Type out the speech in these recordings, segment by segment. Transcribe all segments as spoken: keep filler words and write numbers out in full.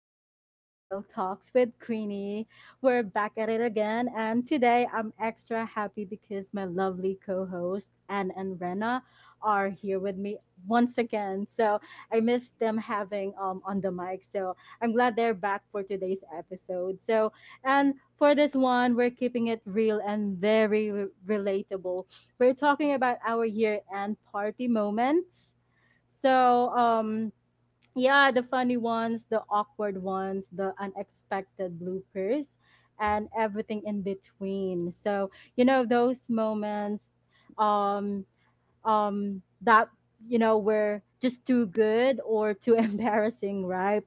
episode of Jill Talks with Queenie. We're back at it again, and today I'm extra happy because my lovely co host, Anne and Rena, are here with me once again. So I missed them having um, on the mic, so I'm glad they're back for today's episode. So, and for this one, we're keeping it real and very re- relatable. We're talking about our year end party moments. So, um, yeah, the funny ones, the awkward ones, the unexpected bloopers, and everything in between. So, you know, those moments um um that you know were just too good or too embarrassing, right?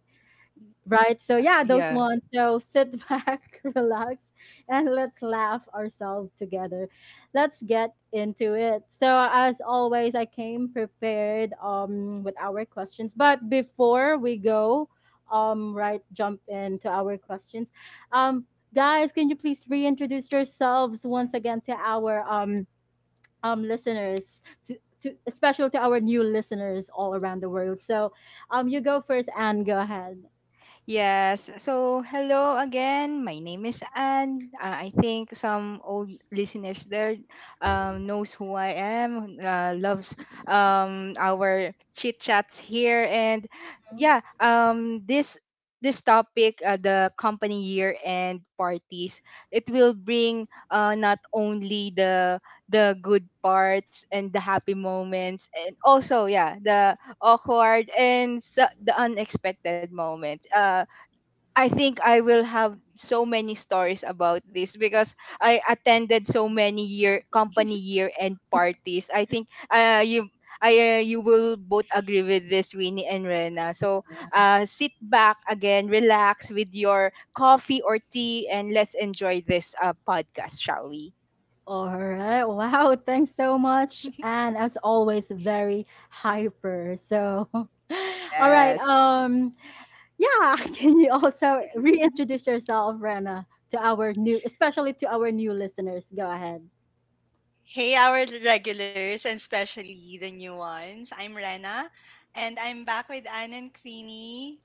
Right. So Yeah, yeah, those yeah. ones. So sit back, relax, and let's laugh ourselves together. Let's get into it. So as always, I came prepared um with our questions. But before we go, um, right, jump into our questions. Um, guys, can you please reintroduce yourselves once again to our um um listeners to to especially to our new listeners all around the world. So um you go first and go ahead. Yes. So, hello again. My name is Anne. Uh, I think some old listeners there um, knows who I am. Uh, loves um, our chit chats here, and yeah, um, this this topic, uh, the company year end parties, it will bring uh, not only the the good parts and the happy moments, and also yeah, the awkward and s- the unexpected moments. Uh, I think I will have so many stories about this because I attended so many year company year end parties. I think uh, you I uh, you will both agree with this, Winnie and Rena. So uh, sit back again, relax with your coffee or tea, and let's enjoy this uh, podcast, shall we? All right. Wow. Thanks so much. And as always, very hyper. So, all right. Yes. Um, yeah. Can you also reintroduce yourself, Rena, to our new, especially to our new listeners? Go ahead. Hey, our regulars, and especially the new ones. I'm Rena, and I'm back with Anne and Queenie.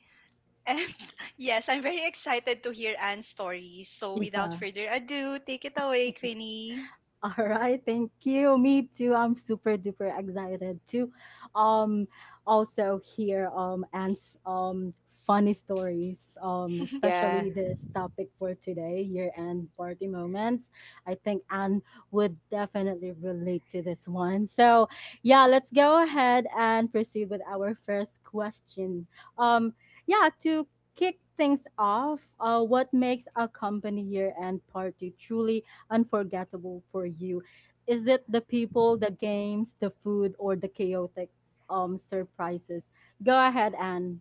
And yes, I'm very excited to hear Anne's story. So, without Yeah. further ado, take it away, Queenie. All right, thank you. Me too. I'm super duper excited to um also hear um Anne's um funny stories, um Yeah. especially this topic for today, year-end party moments. I think Anne would definitely relate to this one. So, yeah, let's go ahead and proceed with our first question. Um yeah, to kick things off, uh what makes a company year-end party truly unforgettable for you? Is it the people, the games, the food, or the chaotic um surprises? Go ahead, Anne.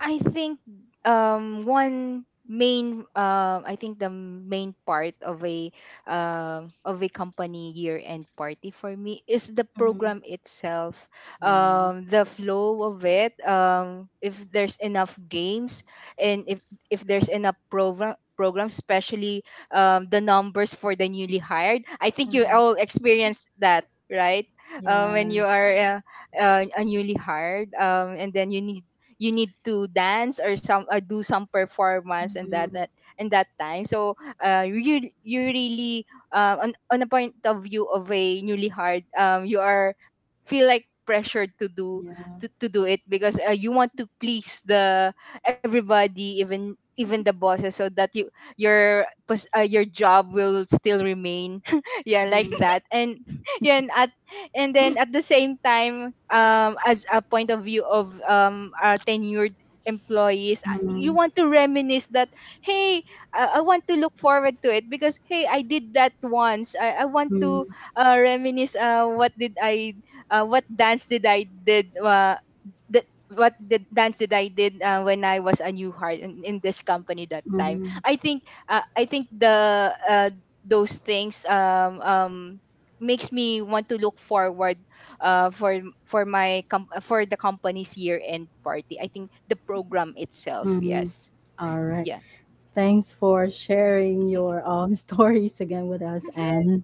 I think um one main um I think the main part of a um of a company year end party for me is the Mm-hmm. program itself. Yeah. Um the flow of it, um if there's enough games, and if if there's enough program programs, especially um the numbers for the newly hired. I think you Mm-hmm. all experienced that, right? um when Yeah. you are uh, uh, a newly hired, um and then you need you need to dance, or some or do some performance, and that Mm-hmm. that and that time. So uh you you really, uh, on on a point of view of a newly hard, um you are feel like pressured to do, Yeah. to, to do it because uh, you want to please the everybody, even even the bosses, so that you your pos- uh, your job will still remain. Yeah, like Mm-hmm. that. And yeah, and at and then at the same time, um as a point of view of um our tenured employees, uh, you Mm-hmm. want to reminisce that, hey, I, I want to look forward to it because hey, I did that once. i, I want to uh, reminisce, uh, what did i uh, what dance did I did, uh, the, what the dance did I did, uh, when I was a new heart in, in this company that time. Mm-hmm. I think uh, I think the uh, those things, um um makes me want to look forward, uh, for for my com- for the company's year end party. I think the program itself. Mm-hmm. Yes. All right. Yeah. Thanks for sharing your um stories again with us, Yeah. Anne.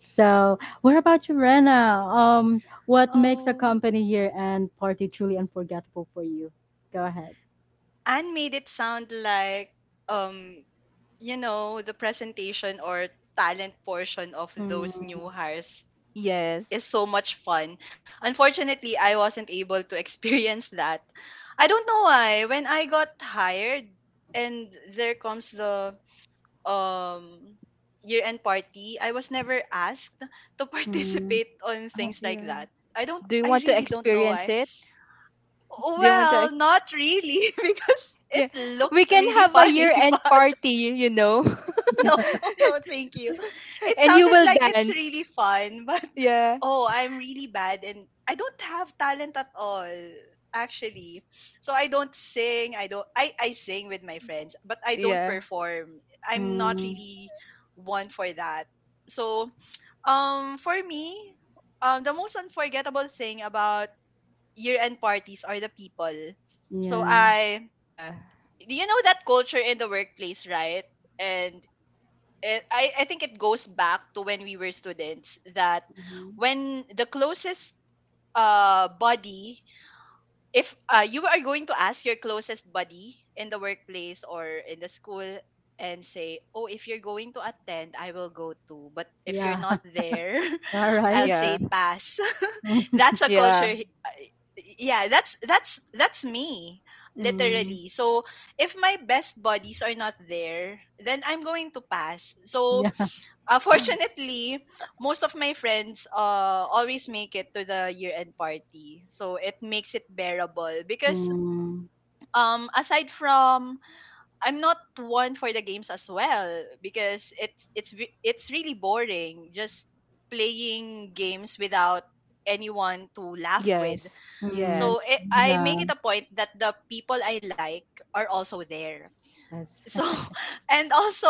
So, what about you, Rena? Um, what makes a Oh, company year-end party truly unforgettable for you? Go ahead. Anne made it sound like, um, you know, the presentation or talent portion of those Mm, new hires Yes. is so much fun. Unfortunately, I wasn't able to experience that. I don't know why. When I got hired and there comes the um year-end party, I was never asked to mm. participate on Oh. things like Yeah. that. I don't Do you I want to really don't know experience why. it? Do you want to? Well, Ex- not really because Yeah. it We looked can really have a year funny, end but party. You know, no, no, no, thank you. It and you sounded will like it's dance. really fun, but Yeah. oh, I'm really bad and I don't have talent at all, actually. So I don't sing, I don't I, I sing with my friends, but I don't Yeah. perform. I'm not Mm, really one for that. So um for me, um the most unforgettable thing about year end parties are the people. So yeah. I Yeah. you know that culture in the workplace, right? And it, I, I think it goes back to when we were students. That Mhm. when the closest uh buddy, if uh, you are going to ask your closest buddy in the workplace or in the school, and say, oh, if you're going to attend, I will go too, but if you're Yeah. not there, All I'll right. Yeah. say pass. That's a culture. Yeah. He- yeah, that's that's that's me Mm, literally. So if my best buddies are not there, then I'm going to pass. So yeah. uh, fortunately, most of my friends uh, always make it to the year end party. So it makes it bearable because Mm, um aside from, I'm not one for the games as well, because it's it's ve- it's really boring just playing games without anyone to laugh with. Yes. mm, So Yes. it, I make yeah. it a point that the people I like are also there. That's So right. and also,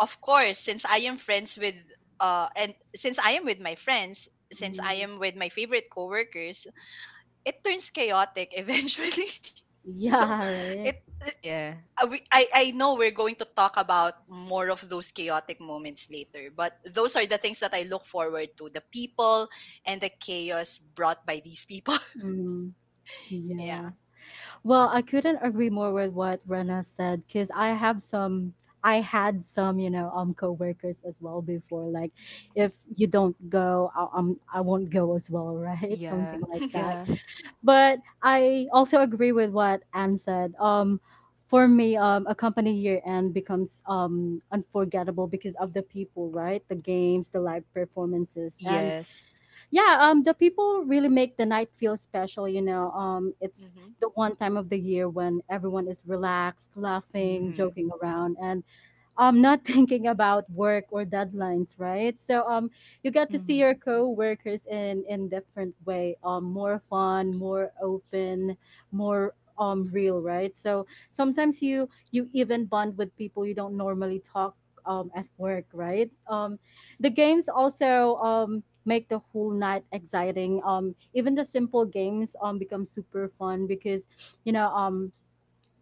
of course, since I am friends with uh and since I am with my friends, since I Mm, am with my favorite coworkers, it turns chaotic eventually. So yeah, it right. Yeah. uh, we, I I know we're going to talk about more of those chaotic moments later, but those are the things that I look forward to: the people and the chaos brought by these people. Mm, Yeah. yeah. Yeah. Well, I couldn't agree more with what Rena said because I have some, I had some, you know, um, coworkers as well before. Like, if you don't go, I, um, I won't go as well, right? Yeah. Something like that, Yeah. Yeah. but I also agree with what Anne said. Um, for me, um, a company year end becomes um, unforgettable because of the people, right? The games, the live performances, and Yes. yeah, um, the people really make the night feel special. You know, um, it's Hmm. the one time of the year when everyone is relaxed, laughing, Mm-hmm. joking around, and um not thinking about work or deadlines, right? So um you get to see Mm-hmm. your co-workers in in different way, um more fun, more open, more um real, right? So sometimes you you even bond with people you don't normally talk um at work, right? Um the games also um make the whole night exciting, um even the simple games um become super fun because you know um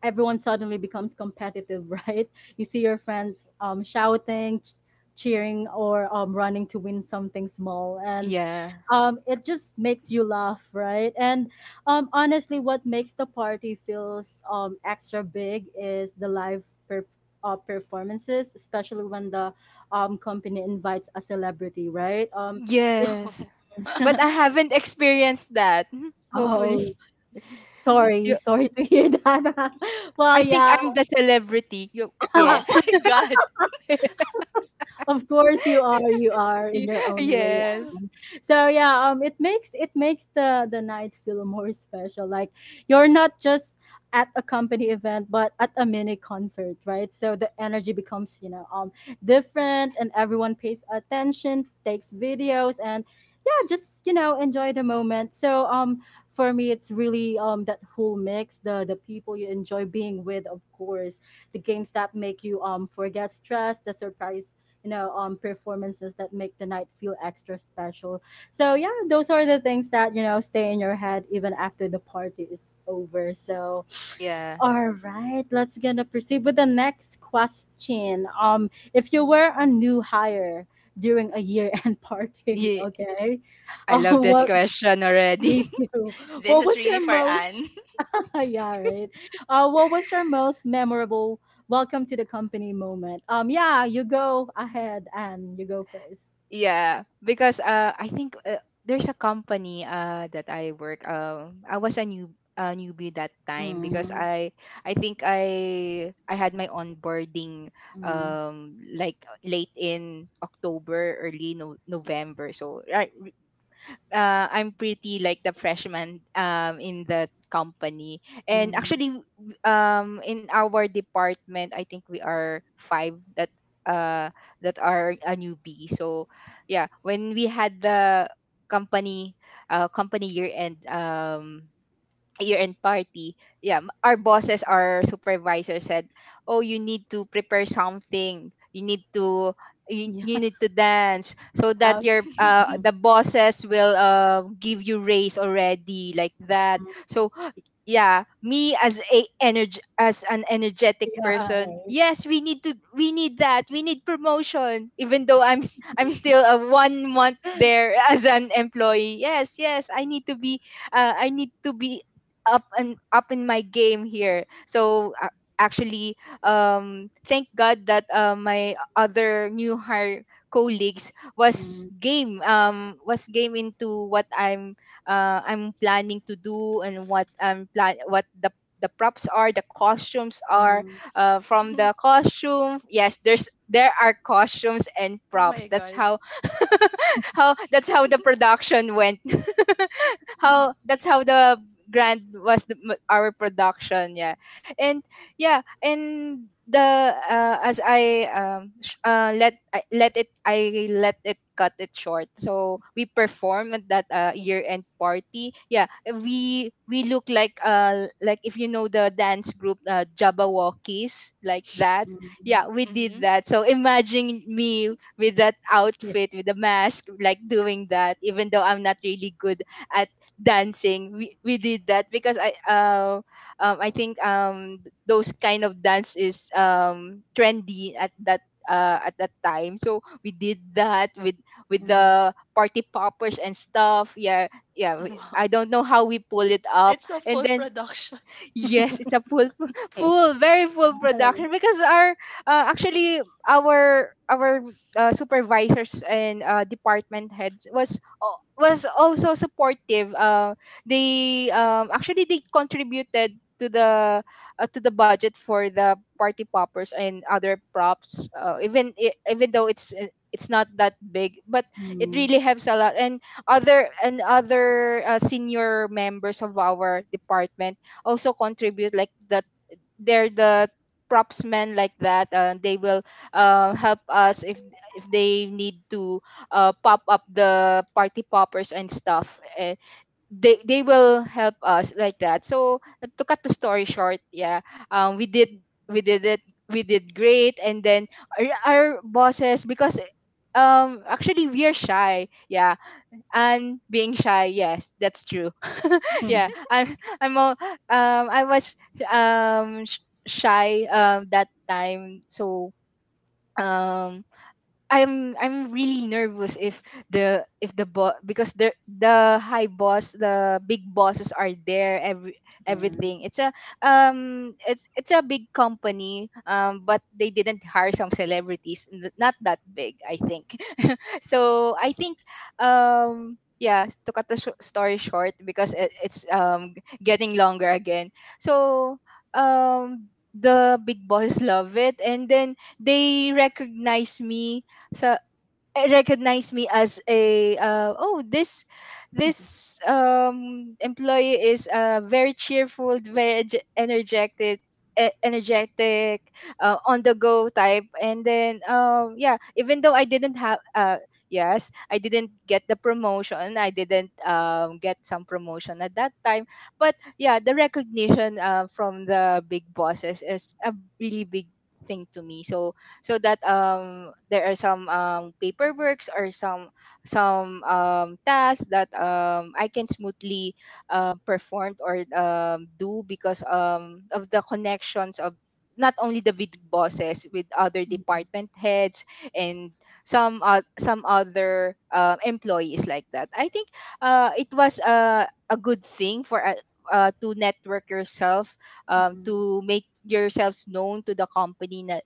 everyone suddenly becomes competitive, right? You see your friends um, shouting, ch- cheering, or um, running to win something small, and Yeah. um, it just makes you laugh, right? And um, honestly, what makes the party feels um, extra big is the live per- uh, performances, especially when the um, company invites a celebrity, right? Um, it Yes. But I haven't experienced that. oh. Hopefully. Sorry, You sorry to hear that. I Well, think yeah. I'm the celebrity. You Oh Yeah. my god. Of course you are. You are in Y- your own way, yes. Anne. So yeah, um, it makes it makes the the night feel more special. Like you're not just at a company event, but at a mini concert, right? So the energy becomes you know um different, and everyone pays attention, takes videos, and yeah, just you know enjoy the moment. So um, for me, it's really um that whole mix, the the people you enjoy being with, of course the games that make you um forget stress, the surprise you know um performances that make the night feel extra special. So yeah, those are the things that you know stay in your head even after the party is over, so Yeah. all right, let's gonna proceed with the next question. Um if you were a new hire during a year-end party, Yeah. okay, I um love this what question already. me too, This what is was really your for most Anne. yeah, right, uh what was your most memorable welcome to the company moment? Um yeah, you go ahead and you go first. Yeah, because uh I think uh, there's a company uh that I work, um I was a new a newbie that time because Mm, I I think I I had my onboarding mm, um like late in October, early no- November. So right, uh, I'm pretty like the freshman um in the company. And mm. actually w- um in our department, I think we are five that uh that are a newbie. So yeah, when we had the company uh company year end um year end party, yeah, m- our bosses, our supervisor said, "Oh, you need to prepare something. You need to you, Yeah, You need to dance so that abs your, uh mhm, the bosses will uh give you raise already, like that." mm. So yeah, me as a energy as an energetic Yeah, person. right. Yes, we need to we need that. We need promotion even though I'm s- I'm still a one month there as an employee. Yes, yes, I need to be uh, I need to be up and up in my game here. So uh, actually, um, thank God that uh, my other new hire colleagues was Mm, game, um was game into what I'm uh, I'm planning to do, and what I'm plan what the the props are, the costumes are, mm, uh, from Mhm. the costume. Yes, there's there are costumes and Oh props. my That's god. how how that's how the production went. how That's how the grand was the, m- our production, yeah. And yeah, and the uh, as i um sh- uh, let I, let it I let it cut it short. So we perform at that, uh, year end party. Yeah, we we look like uh like, if you know the dance group, uh, jabberwockies, like that. mm. Yeah, we did Mhm. that. So imagine me with that Yeah. outfit with the mask, like, doing that even though I'm not really good at dancing. We we did that because I, uh, um I think um th- those kind of dance is um trendy at that, uh at that time. So we did that with with Mm. the party poppers and stuff. Yeah, yeah. we- I Wow. don't know how we pull it up, It's a and full then production. Yes, it's a full, full, very full Right. production because our, uh, actually, our our, uh, supervisors and, uh, department heads was al- was also supportive. Uh, they, um, actually they contributed to the, uh, to the budget for the party poppers and other props. Uh, even i- even though it's, uh, it's not that big, but it Mm, really helps a lot. And other and other, uh, senior members of our department also contribute like that. They're the props men, like that, uh, they will, uh, help us if if they need to, uh, pop up the party poppers and stuff. uh, they they will help us like that. So to cut the story short, yeah, um, we did, we did it, we did great, and then our, our bosses, because, um actually we are shy, yeah. And being shy, yes, that's true. Yeah, mhm. i'm I'm all, um I was, um sh- shy um that time. So um. I'm I'm really nervous if the if the boss, because the the high boss, the big bosses are there. Every Yeah. everything, it's a, um it's it's a big company, um but they didn't hire some celebrities, n- not that big, I think. So I think, um yeah, to cut the sh- story short, because it, it's, um getting longer again. So um the big bosses love it, and then they recognize me, so it recognized me as a, uh, oh, this, this um employee is, uh very cheerful, very ege- energetic, e- energetic, uh, on the go type. And then um yeah, even though I didn't have, uh yes, I didn't get the promotion, I didn't, um get some promotion at that time. But yeah, the recognition, uh, from the big bosses is a really big thing to me. So so that, um there are some, um paperworks or some, some um tasks that, um I can smoothly, um perform or, um do because, um of the connections of not only the big bosses with other Mhm, department heads and some, uh, some other, uh, employees, like that. I think, uh, it was, uh, a good thing for, uh, uh, to network yourself, um, to make yourselves known to the company na,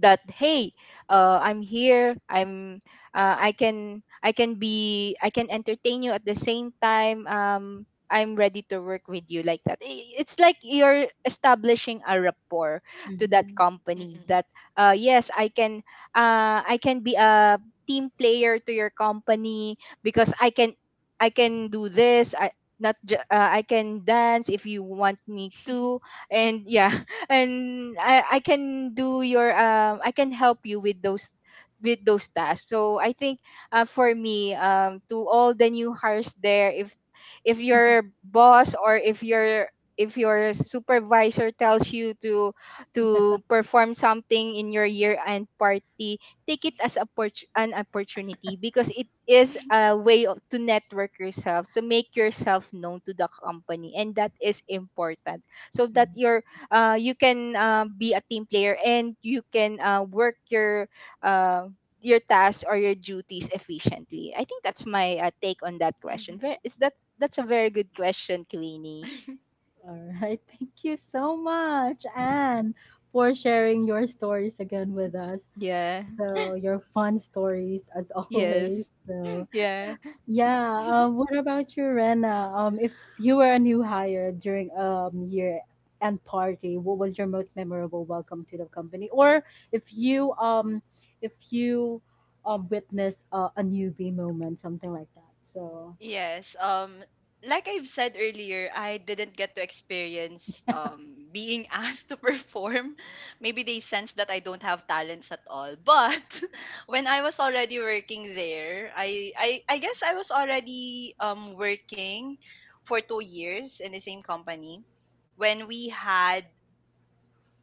that hey, uh, i'm here I'm, uh, I can i can be, I can entertain you. At the same time, um I'm ready to work with you, like that. I- it's like you're establishing a rapport mhm, to that mhm. company, Mm-mm. that, uh, yes, I can, uh, I can be a team player to your company because I can i can do this, I not ju- uh, I can dance if you want me to. And yeah, and I, I can do your, um I can help you with those, with those tasks. So I think, uh, for me, um to all the new hires there, if if your boss, or if your if your supervisor tells you to Yeah. to perform something in your year end party, take it as oppor- an opportunity, because it is a way of, to network yourself, so make yourself known to the company, and that is important, so that your, uh, you can, uh, be a team player, and you can, uh, work your, uh, your tasks or your duties efficiently. I think that's my, uh, take on that question. Mhm. Ve- Is that, that's a very good question, Queenie? All right. Thank you so much, Anne, for sharing your stories again with us. Yeah. So, your fun stories as always. Yes. So, Yeah. yeah. Um, what about you, Rena? Um, if you were a new hire during um year end party, what was your most memorable welcome to the company? Or if you um if you um witness uh, a newbie moment, something like that. So. Yes. Um, like I've said earlier, I didn't get to experience um being asked to perform. Maybe they sense that I don't have talents at all. But when I was already working there, I I, I guess I was already um working for two years in the same company, when we had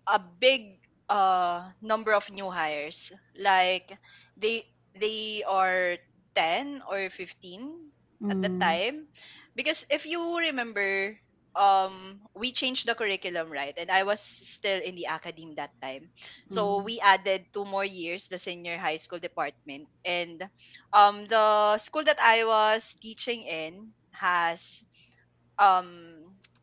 a big uh number of new hires. Like, they they are ten or fifteen at the Mm, time. Because if you remember, um we changed the curriculum, right? And I was still in the academe that time, so mm, we added two more years, the senior high school department. And um the school that I was teaching in has um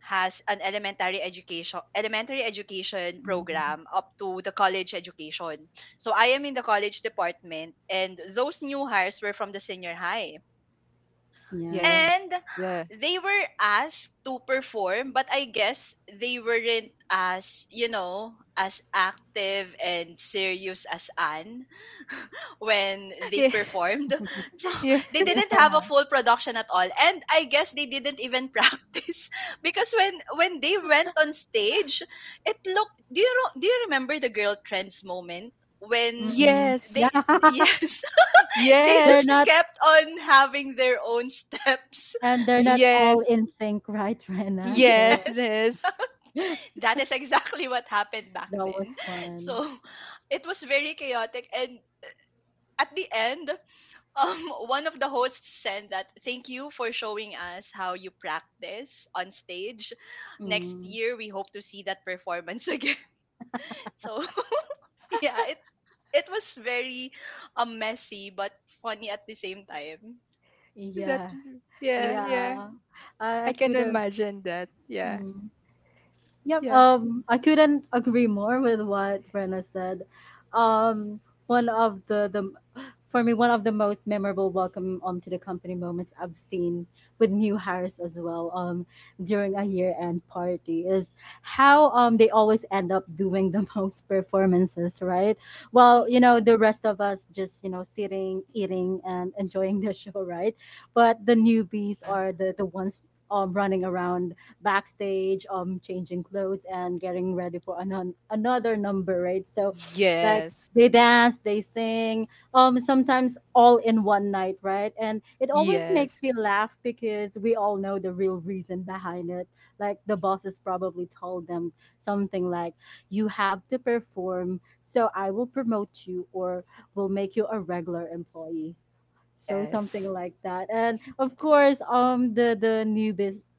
has an elementary education elementary education program mm, up to the college education. So I am in the college department, and those new hires were from the senior high. yeah. Yes. And Yeah. they were asked to perform, but I guess they weren't as, you know, as active and serious as Anne when they Yeah. performed. So they Yes. didn't have a Yeah. full production at all. And I guess they didn't even practice, because when when they went on stage, it looked— do you ro- do you remember the girl trends moment, when Mm. Yes. they— Yeah. yes, they Yes. They're just not, kept on having their own steps. and they're not all Yes. in sync, right, Rena? Yes. So Yes. Yes. that That is exactly what happened back was then. So fun. it was very chaotic, and at the end, um one of the hosts said that, thank you for showing us how you practice on stage. Next Mm. year, we hope to see that performance again. So yeah, it it was very um, messy but funny at the same time. That. Yeah. Yeah. Yeah. Yeah, I, I I can couldn't. imagine that. Yeah. Mm. Yep, Yeah. um, I couldn't agree more with what Rena said. Um, one of the, the for me, one of the most memorable welcome um to the company moments I've seen with new hires as well um during a year end party is how um they always end up doing the most performances, right? Well, you Mhm, know the rest of us just you know sitting, eating, and enjoying the show, right? But the newbies Uh, are the the ones um running around backstage, um, changing clothes and getting ready for an- another number, right? So, like yes. they dance, they sing, um, sometimes all in one night, right? And it always makes Yes. me laugh because we all know the real reason behind it. Like the bosses probably told them something like, "You have to perform, so I will promote you or will make you a regular employee." So Yes. something like that, and of course, um the the newbies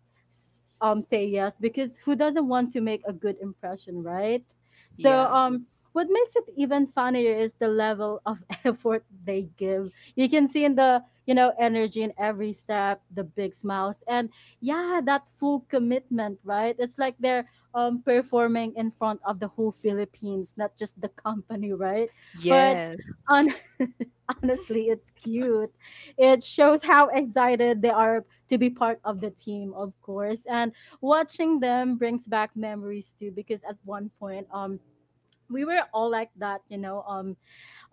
um say yes because who doesn't want to make a good impression, right? So Yeah. um what makes it even funnier is the level of effort they give. You can see in the you know energy in every step, the big smiles, and yeah, that full commitment, right? It's like they're um performing in front of the whole Philippines, not just the company, right? but Yes. on Honestly, it's cute. It shows how excited they are to be part of the team, of course. And watching them brings back memories too, because at one point, um, we were all like that, you know, um,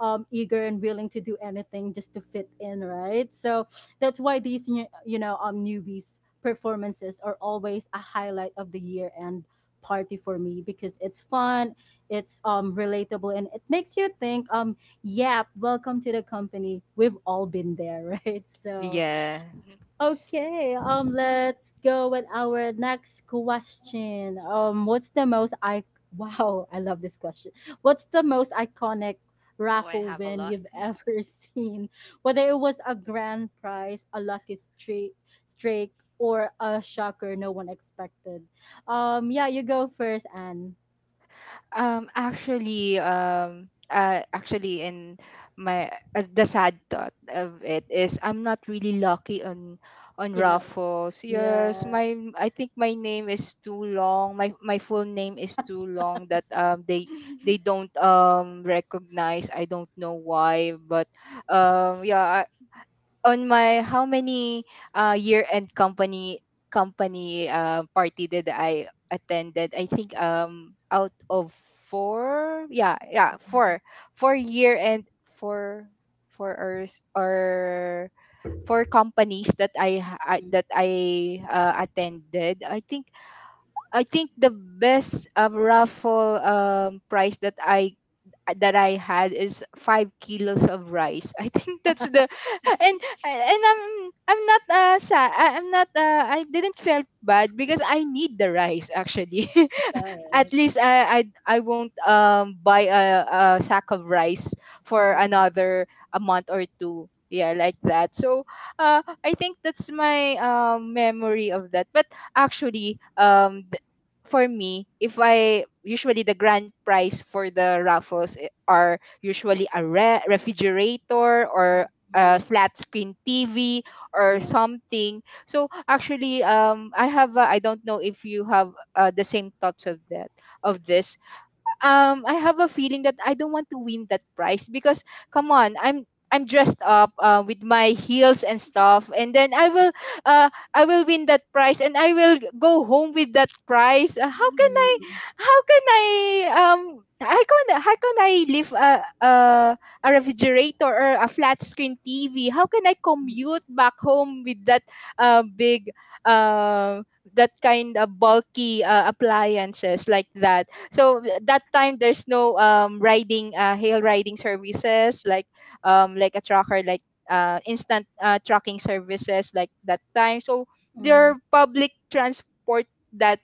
um, eager and willing to do anything just to fit in, right? So that's why these new- you know um newbies performances are always a highlight of the year end party for me because it's fun, it's um relatable, and it makes you think, um yep, welcome to the company. We've all been there, right? So Yeah. mhm. okay, um, let's go with our next question. Um, what's the most I Wow, I love this question. What's the most iconic Oh, I raffle have a win lot. you've ever seen? Whether it was a grand prize, a lucky streak, streak, or a shocker no one expected. Um, yeah, you go first, and Um actually, um uh actually in my, uh, the sad thought of it is I'm not really lucky on on you know, Raffles. Yes, yeah, my I think my name is too long. My my full name is too long that um they they don't, um recognize. I don't know why, but, um yeah, on my, how many, uh, year end company company, uh, party that I attended. I think, um out of four, yeah, yeah, four, four year end, four, four or or four companies that I, ha- I mm, that I, uh, attended. I think I think the best uh, raffle um, prize that I that I had is five kilos of rice. I think that's the and and I'm I'm not uh sad. I'm not uh I didn't felt bad because I need the rice actually. yeah, At least I I I won't um buy a, a sack of rice for mm, another a month or two. Yeah, like that. So, uh, I think that's my um memory of that. But actually, um, th- for me, if I usually the grand prize for the raffles i- are usually a re- refrigerator or a mm, flat screen T V or yeah. something. So actually, um, I have uh, I don't know if you have uh, the same thoughts of that of this, um I have a feeling that I don't want to win that prize because come on, I'm I'm dressed up uh, with my heels and stuff, and then I will uh, I will win that prize, and I will go home with that prize. Uh, how can I? Mm, How can I? Um, how can how can I live a a, a refrigerator or a flat screen T V? How can I commute mm, back home with that uh, big um that kind of bulky uh, appliances like that? So that time there's no um riding uh hail riding services like um like a tracker like uh instant uh tracking services like that time. So mm, their mm, public transport that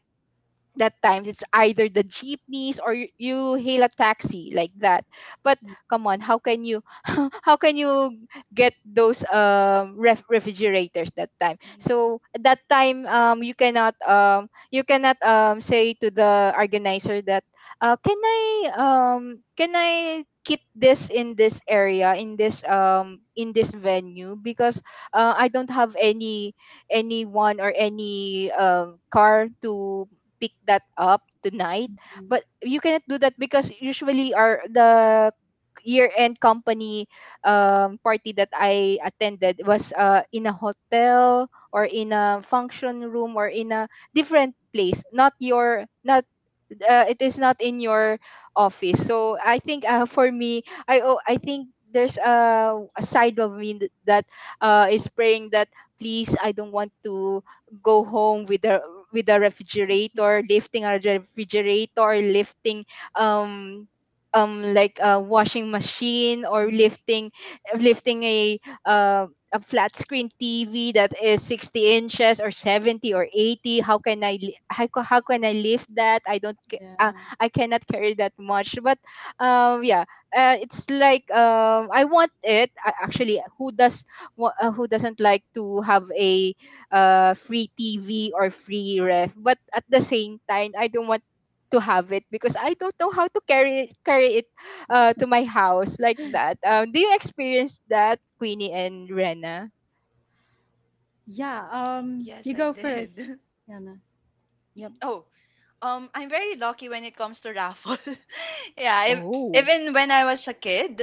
that times it's either the jeepneys or you, you hail a taxi like that, but mm. come on, how can you? How can you get those um ref- refrigerators that time? So at that time um you cannot um you cannot um say to the organizer that uh, can i um can I keep this in this area in this um in this venue because uh, I don't have any anyone or any um car to pick that up tonight. Mm. But you cannot do that because usually our the year end company um, party that I attended was uh, in a hotel or in a function room or in a different place, not your not uh, it is not in your office. So I think uh, for me, I oh, I think there's a, a side of me th- that uh, is praying that please I don't want to go home with a with a refrigerator, lifting a refrigerator, lifting um um like a washing machine or Mm. lifting lifting a uh, a flat screen T V that is sixty inches or seventy or eighty. How can I li- how, ca- how can I lift that? I don't ca- uh, Yeah. I cannot carry that much, but um yeah, uh, it's like um I want it. I, actually, who does wa- uh, who doesn't like to have a uh, free T V or free ref, but at the same time I don't want to have it because I don't know how to carry carry it uh to my house like that. Um, do you experience that, Queenie and Rena? Yeah. Um, yes, you I go did. first, Yana. Yep. Oh. Um, I'm very lucky when it comes to raffle. Yeah, if, Oh, even when I was a kid,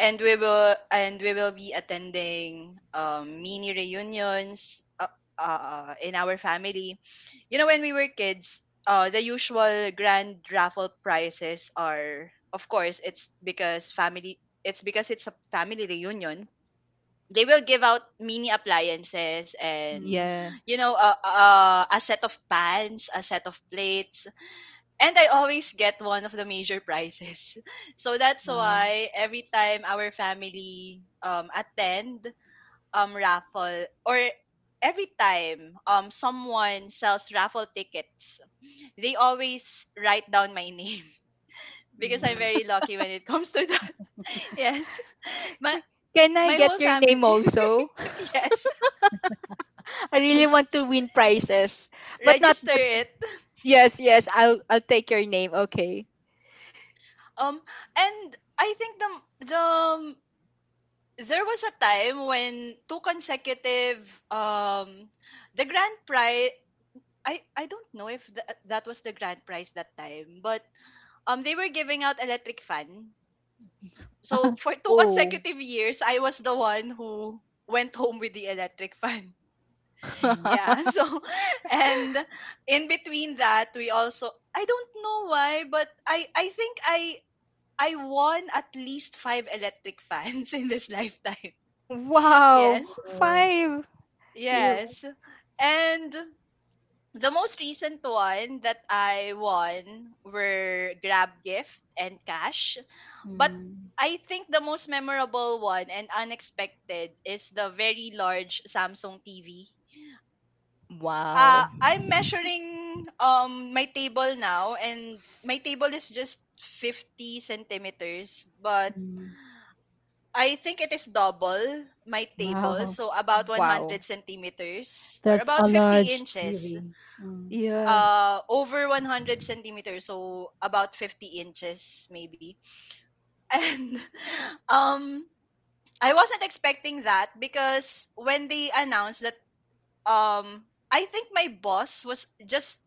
and we will and we will be attending um, mini reunions uh, uh, in our family. You know, when we were kids, uh, the usual grand raffle prizes are, of course, it's because family. It's because it's a family reunion. They will give out mini appliances and, Mm. yeah. you know, uh, uh, a set of pans, a set of plates, and I always get one of the major prizes. So that's Wow. why every time our family um attend um raffle, or every time um someone sells raffle tickets, they always write down my name because I'm Mm. very lucky when it comes to that. Yes. My Can I my get whole your name family. also? Yes. I really want to win prizes, but not. Register But it. yes, yes, I'll I'll take your name. Okay. Um and I think the the there was a time when two consecutive um the grand prize, I I don't know if th- that was the grand prize that time, but um they were giving out electric fan. So for two Oh. consecutive years, I was the one who went home with the electric fan. Yeah. Yeah. So and in between that, we also— I don't know why, but I I think I I won at least five electric fans in this lifetime. Wow. Yes. So, Five. Yeah. Yes. s- And the most recent one that I won were Grab Gift and Cash. But mm. I think the most memorable one and unexpected is the very large Samsung T V. Uh, Wow. I'm measuring um my table now, and my table is just fifty centimeters, but Mm. I think it is double my table, Wow. so about one hundred Wow. centimeters, or That's about a fifty large inches. T V. Mm. Yeah. Uh over one hundred centimeters, so about fifty inches maybe. And um I wasn't expecting that, because when they announced that, um I think my boss was just—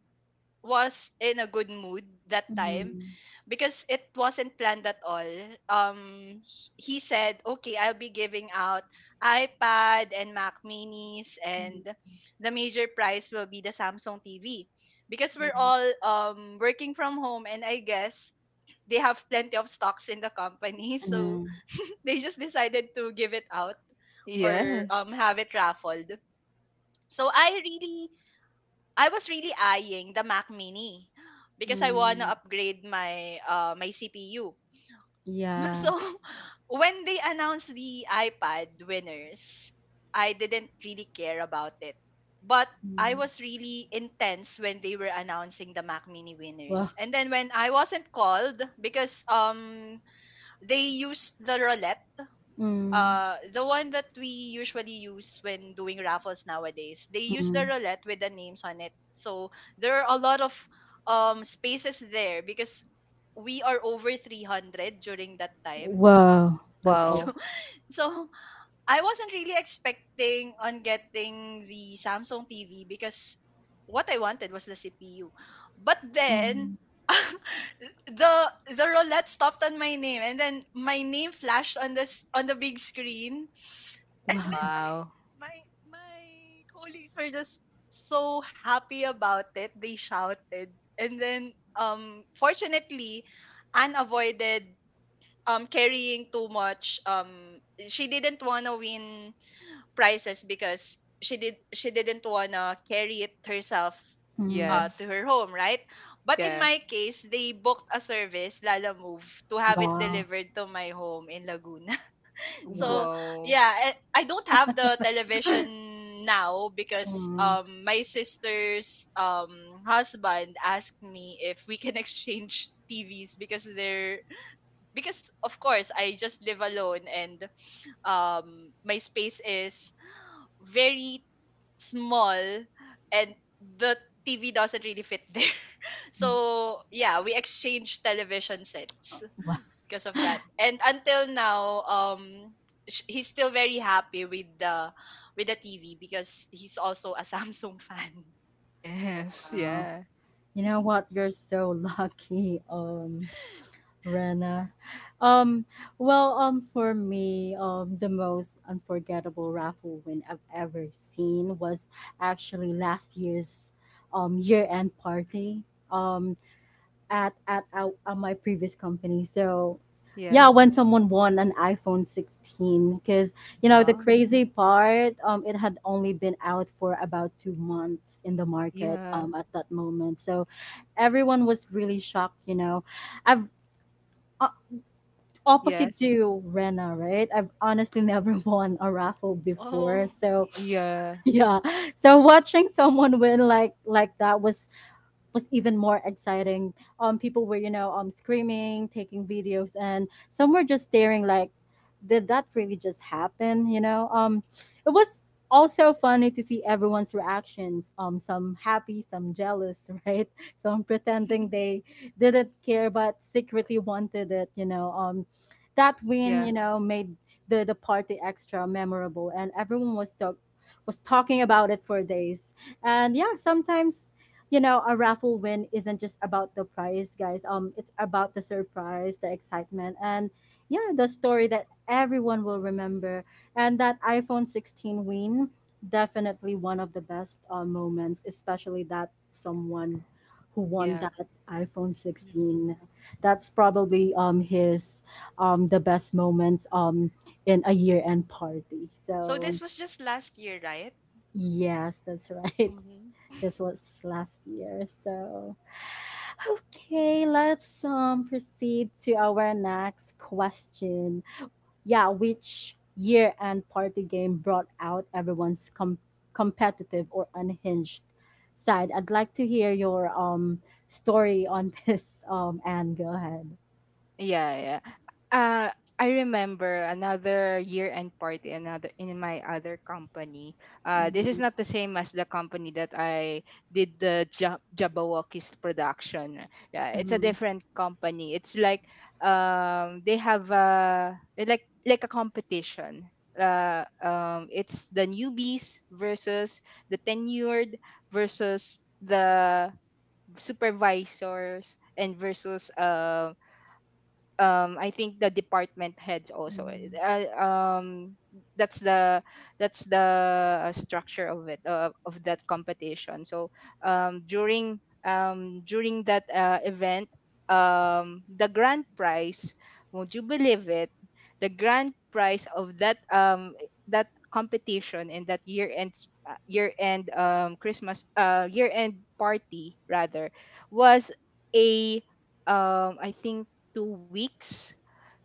was in a good mood that time, Mm. because it wasn't planned at all. Um, h- he said, "Okay, I'll be giving out iPad and Mac Minis, Mm. and the major prize will be the Samsung T V, because we're Mm. all um working from home, and I guess they have plenty of stocks in the company, so Mm. they just decided to give it out, or Yes. um have it raffled." So I really I was really eyeing the Mac Mini because I want to Mm. upgrade my uh, my C P U. So Yeah. when they announced the iPad winners, I didn't really care about it. But I Mm. was really intense when they were announcing the Mac Mini Wow. winners. And then when I wasn't called, because um they used the roulette— Mm. uh the one that we usually use when doing raffles nowadays, they use the Mm. roulette with the names on it. So there are a lot of um spaces there, because we are over three hundred during that time. Wow. That's a lot. so Wow. so I wasn't really expecting on getting the Samsung TV, because what I wanted was the CPU. But then Mm. the the roulette stopped on my name, and then my name flashed on this— on the big screen, and then Wow. my Wow. my my colleagues were just so happy about it. They shouted. And then, um fortunately, Anne avoided um carrying too much. Um she didn't wanna win prizes because she did she didn't wanna carry it herself uh, Mm. Yes. to her home, right? But in Yeah. my case, they booked a service, Lala Move, to have it Wow. delivered to my home in Laguna. Wow. So Wow. yeah, and I don't have the television now, because Mm. um my sister's um husband asked me if we can exchange tvs. Because they're because, of course, I just live alone, and um my space is very small, and the tv doesn't really fit there. So yeah, we exchange television sets Wow. because of that. And until now, um, sh- he's still very happy with the with the T V because he's also a Samsung fan. Yes. Wow. Yeah. You know what? You're so lucky, um, Rena. Um, well, um, for me, um, the most unforgettable raffle win I've ever seen was actually last year's um year-end party. Um, at at, at, at my previous company. So yeah, Yeah. when someone won an iPhone sixteen, because you know the Wow. crazy part, um, it had only been out for about two months in the market, Yeah. um, at that moment. So everyone was really shocked. You know, I've uh, Opposite Yes. to Rena, right? I've honestly never won a raffle Oh. before, so Y- Yeah. yeah. So watching someone win like like that was was even more exciting. Um, people were, you know, um, screaming, taking videos, and some were just staring like, did that really just happen? You know, um, it was also funny to see everyone's reactions. Um, some happy, some jealous, right? Some pretending they didn't care but secretly wanted it. You know, um, that win, Yeah. you know, made the the party extra memorable, and everyone was talk was talking about it for days. And yeah, sometimes you know a raffle win isn't just about the prize, guys. Um it's about the surprise, the excitement, and yeah, the story that everyone will remember. And that iPhone sixteen win, definitely one of the best uh, moments, especially that someone who won Yeah. that iPhone Mhm. sixteen. That's probably um his um the best moments um in a year end party. So So this was just last year, right? yes, that's right. Hmm. This was last year. So, Yeah. okay, let's um proceed to our next question. Yeah, which year-end party game brought out everyone's com- competitive or unhinged side? I'd like to hear your um story on this. Um, and go ahead. Yeah, yeah. Uh, I remember another year-end party, another in my other company. Uh, this is Mhm, not the same as the company that I did the Ja- Jabberwockies production. Yeah, it's a mhm, different company. It's like um they have a like like a competition. Uh, um, it's the newbies versus the tenured versus the supervisors and versus um um I think the department heads also uh, um that's the that's the structure of it uh, of that competition. So um during um during that uh, event um the grand prize, won't you believe it, the grand prize of that um that competition and that year end uh, year end um christmas uh year end party rather was a um, I think two weeks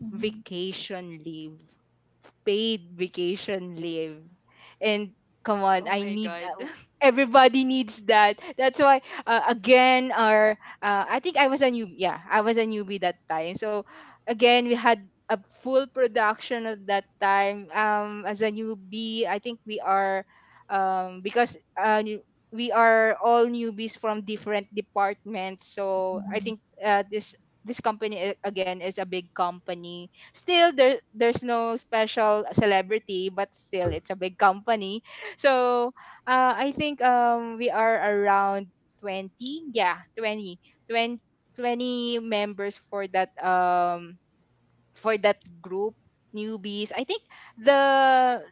mhm, mhm, vacation leave, paid vacation leave. And come on, Oh I my need god. uh, everybody needs that. That's why uh, again our uh, I think I was a newbie. Yeah, I was a newbie that time. So again, we had a full production at that time um as a newbie. I think we are um because uh, new- we are all newbies from different departments. So I mhm, think uh, this this company uh, again is a big company. Still, there there's no special celebrity, but still, it's a big company. So uh, I think um we are around twenty. Yeah, twenty, twenty twenty members for that um for that group, newbies. i think the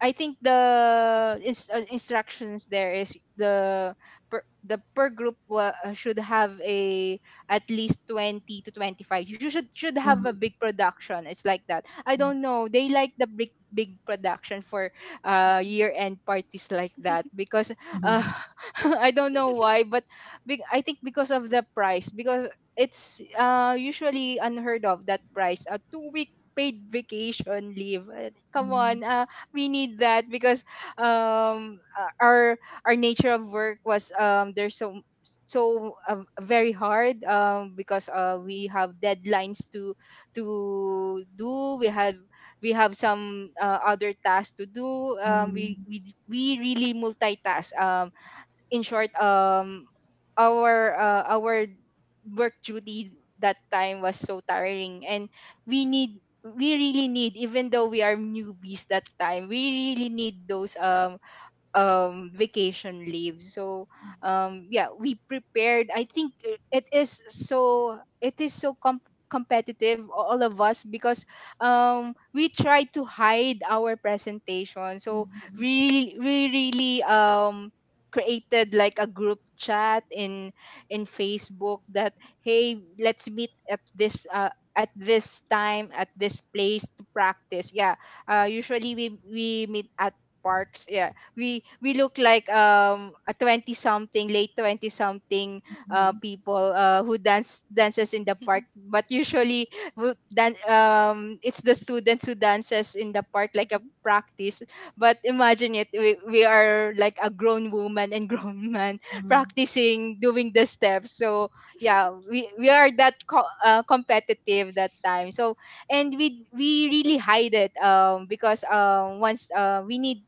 I think the ins- uh, instructions there is the per, the per group wa- uh, should have a at least twenty to twenty-five. You should should have mhm, a big production, it's like that. I yeah, don't know, they like the big big production for uh Mhm. year end parties like that because mhm, uh mhm, I don't know why, but big, I think because of the price, because it's uh, usually unheard of that price, a two week paid vacation leave. Uh, come mhm, on, uh, we need that because um uh, our our nature of work was um there's so so um, very hard um because uh, we have deadlines to to do, we have we have some uh, other tasks to do. mhm, Um, we mhm, we we really multitask. Um, in short, um, our uh, our work duty that time was so tiring, and we need we really need, even though we are newbies that time, we really need those um um vacation leave. So um yeah, we prepared. I think it it is so it is so com- competitive, all of us, because um we try to hide our presentation. So mhm, we we really um created like a group chat in in Facebook, that hey, let's meet at this uh at this time at this place to practice. Yeah, uh usually we we meet at parks. Yeah, we we look like um a twenty something, late twenty something uh people uh who dance dances in the park, Mhm. but usually who dan- um it's the students who dances in the park like a Mhm. practice. But imagine it, we, we are like a grown woman and grown man mhm, mhm, practicing doing the steps. So yeah, we, we are that co- uh, competitive that time. So, and we we really hide it um because um once uh we need,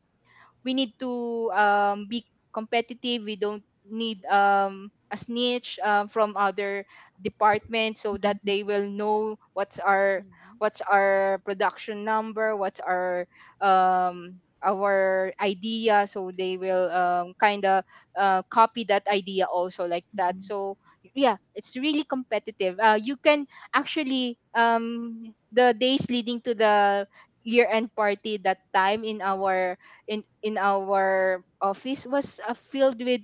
we need to um, be competitive. We don't need um, a snitch uh, from other department so that mhm, they will know what's our Mhm. what's our production number, what's our um, our idea. So they will um, kind of uh, copy that idea also like that. mhm, So yeah, it's really competitive. Uh, you can actually um, the days leading to the year end party that time in our in in our office was uh, filled with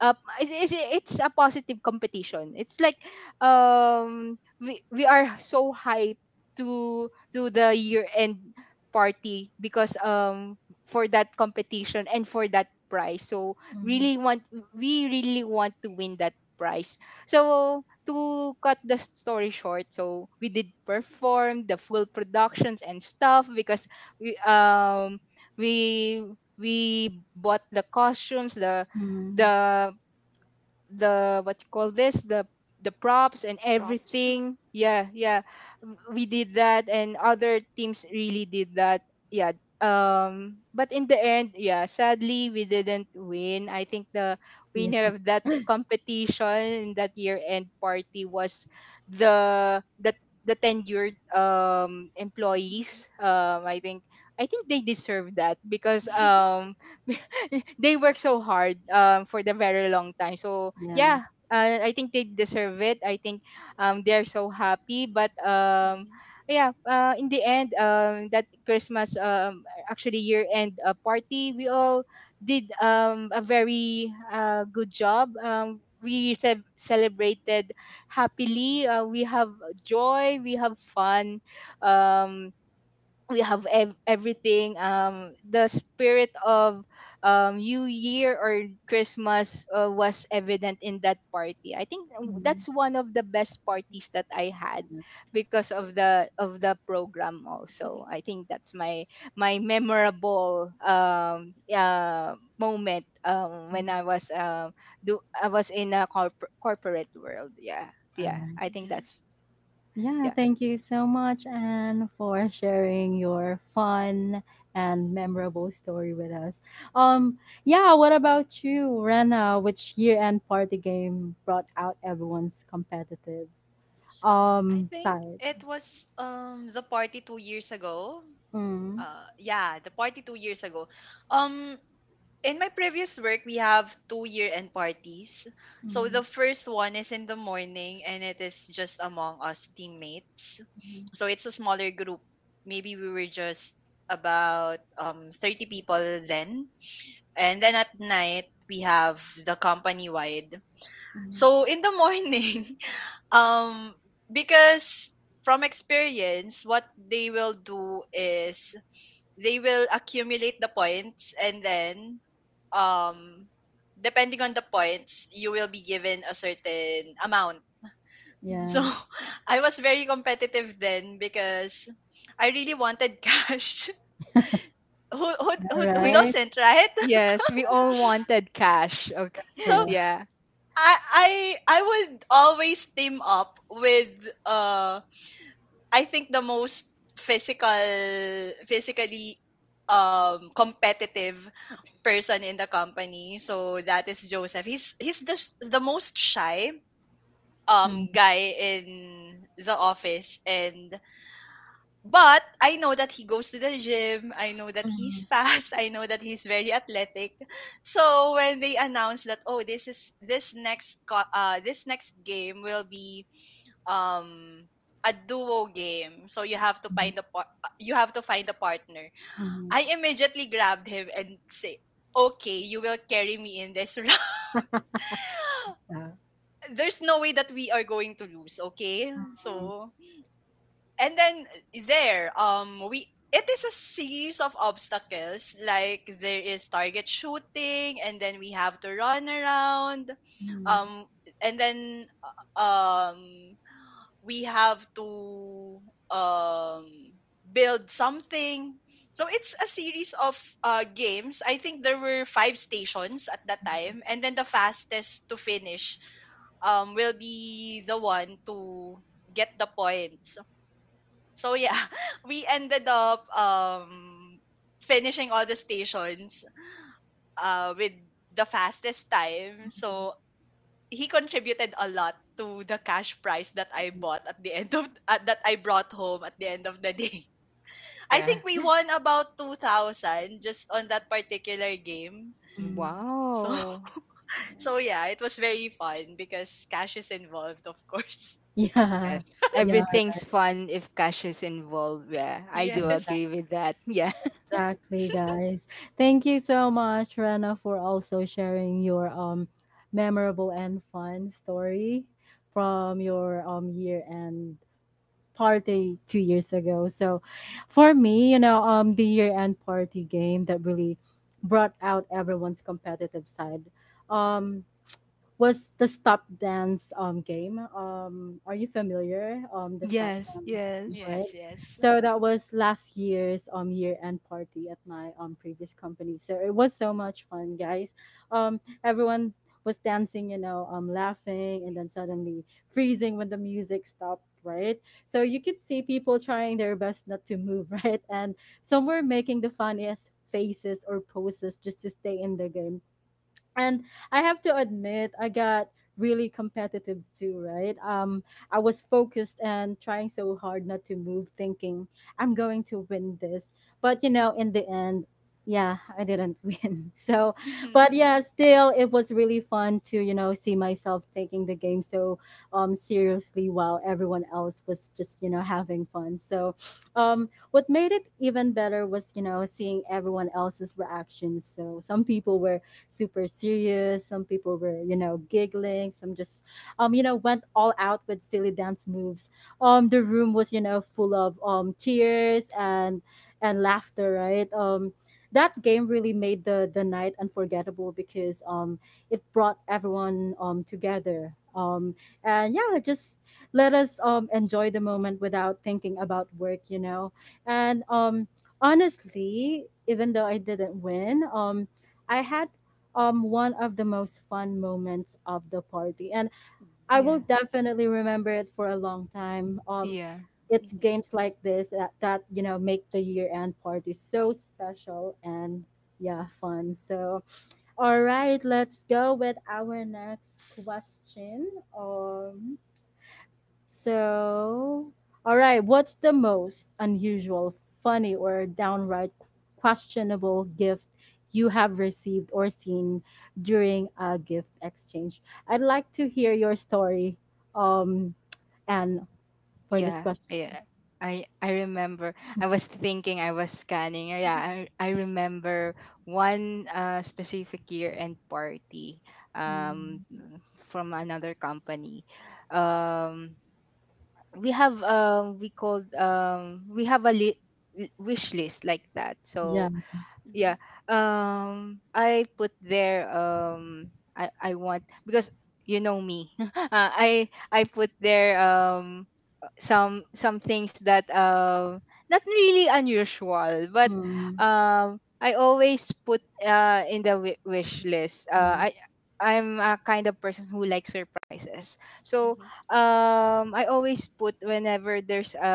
uh, it's, it's a positive competition. It's like um we we are so hyped to to the year end party because um for that competition and for that prize. So mhm. really want, we really want to win that prize. So to cut the story short, so we did perform the full productions and stuff because we um we we bought the costumes, the Mm. the the what you call this, the the props and Props. everything. Yeah, yeah. W- we did that and other teams really did that. Yeah, um but in the end, yeah, sadly we didn't win. I think the Yeah, winner of that competition in that year end party was the the the tenured um Mhm. employees. um i think I think they deserve that because um they work so hard um, for the very long time. So yeah. yeah, uh, I think they deserve it. I think um, they're so happy. But um, Mhm. yeah, uh, in the end, um, that Christmas um, actually year end uh, party, we all did um, a very uh, good job. Um, we ce- celebrated happily. Uh, we have joy. We have fun. Um, we have ev- everything, um the spirit of um new year or Christmas uh, was evident in that party. I think um, Mm, that's one of the best Mhm. parties that I had because of the of the program. Also, I think that's my my memorable um uh, moment um when mm. I was um do I was in a corp- corporate world. Yeah, All yeah, right. I think Mhm. that's Yeah, yeah. thank you so much, Anne, for sharing your fun and memorable story with us. Um, yeah, what about you, Rena? Which year-end party game brought out everyone's competitive I um think side? it was um the party two years ago. Mm, Uh, yeah, the party two years ago. Um, in my previous work, we have two year-end parties. So mm, the first one is in the morning, and it is just among us teammates. mm, So it's a smaller group. Maybe we were just about um thirty people then. And then at night, we have the company-wide. mm. So in the morning, um, because from experience, what they will do is they will accumulate the points, and then um depending on the points you will be given a certain amount. Yeah. So I was very competitive then because I really wanted cash. who, who, All who, who right. doesn't, right? Yes, we all wanted cash. Okay. That's So right. Yeah. I, I i would always team up with uh I think the most physical physically um competitive person in the company. So that is Joseph. He's he's the s- the most shy Mm, um guy in the office, and but I know that he goes to the gym. I know that he's mm, fast. I know that he's very athletic. So when they announced that, oh, this is this next co- uh this next game will be um a duo game. So you have to mm, find a par- uh, you have to find a partner. mm. I immediately grabbed him and say, "Okay, you will carry me in this round. Yeah. There's no way that we are going to lose, okay?" Mm, So, and then there, um, we it is a series of obstacles. Like there is target shooting, and then we have to run around, mm, um, and then uh, um we have to um build something. So it's a series of uh games. I think there were five stations at that time, and then the fastest to finish um will be the one to get the points. So yeah, we ended up um finishing all the stations uh with the fastest time. mm, So he contributed a lot to the cash prize that I mm. bought at the end of uh, that I brought home at the end of the day. I Yeah. think we won about two thousand just on that particular game. Mm. So Wow. so yeah, it was very fun because cash is involved, of course. Yeah, Yes. yeah, Everything's fun if cash is involved. Yeah. I do exa- Yes. agree with that. Yeah. exactly, guys. Thank you so much, Rena, for also sharing your um memorable and fun story from your um year-end party two years ago. So, for me, you know, um, the year-end party game that really brought out everyone's competitive side, Um, was the stop dance um game. Um, are you familiar? Um, the stop Yes, dance game, yes. right? Yes, yes. So that was last year's um year end party at my um previous company. So it was so much fun, guys. Um, everyone was dancing, you know, um, laughing, and then suddenly freezing when the music stopped, right? So you could see people trying their best not to move, right? And some were making the funniest faces or poses just to stay in the game, and I have to admit, I got really competitive too, right? Um, I was focused and trying so hard not to move, thinking I'm going to win this. But you know, in the end, yeah, I didn't win. So, but yeah, Mhm. still, it was really fun to you know see myself taking the game so um seriously while everyone else was just you know having fun. So, um, what made it even better was you know seeing everyone else's reactions. So some people were super serious. Some people were, you know, giggling. Some just, um, you know, went all out with silly dance moves. Um, the room was, you know, full of um cheers and and laughter. Right. Um, that game really made the the night unforgettable because um it brought everyone um together. Um, and yeah, just let us um enjoy the moment without thinking about work. You know, and um honestly, even though I didn't win, um, I had um one of the most fun moments of the party, and Mhm. I Yeah. will definitely remember it for a long time. um Yeah. It's Mhm. games like this that, that you know make the year end party so special and yeah fun. So all right, let's go with our next question. um so, all right, what's the most unusual, funny, or downright questionable gift you have received or seen during a gift exchange? I'd like to hear your story, um, Anne, for this Yeah. question. Yeah. I I remember, I was thinking, I was scanning. Yeah, I, I remember one uh, specific year end party um Mm, from another company. Um we have um we called um we have a li- l- wish list like that, yeah. so Mhm. yeah. um I put there, um i i want, because you know me. uh, i i put there, um some some things that, um not really unusual, but Mm, um I always put, uh in the wi- wish list. uh I mm, I'm a kind of person who likes surprises, so Mhm. um I always put, whenever there's a,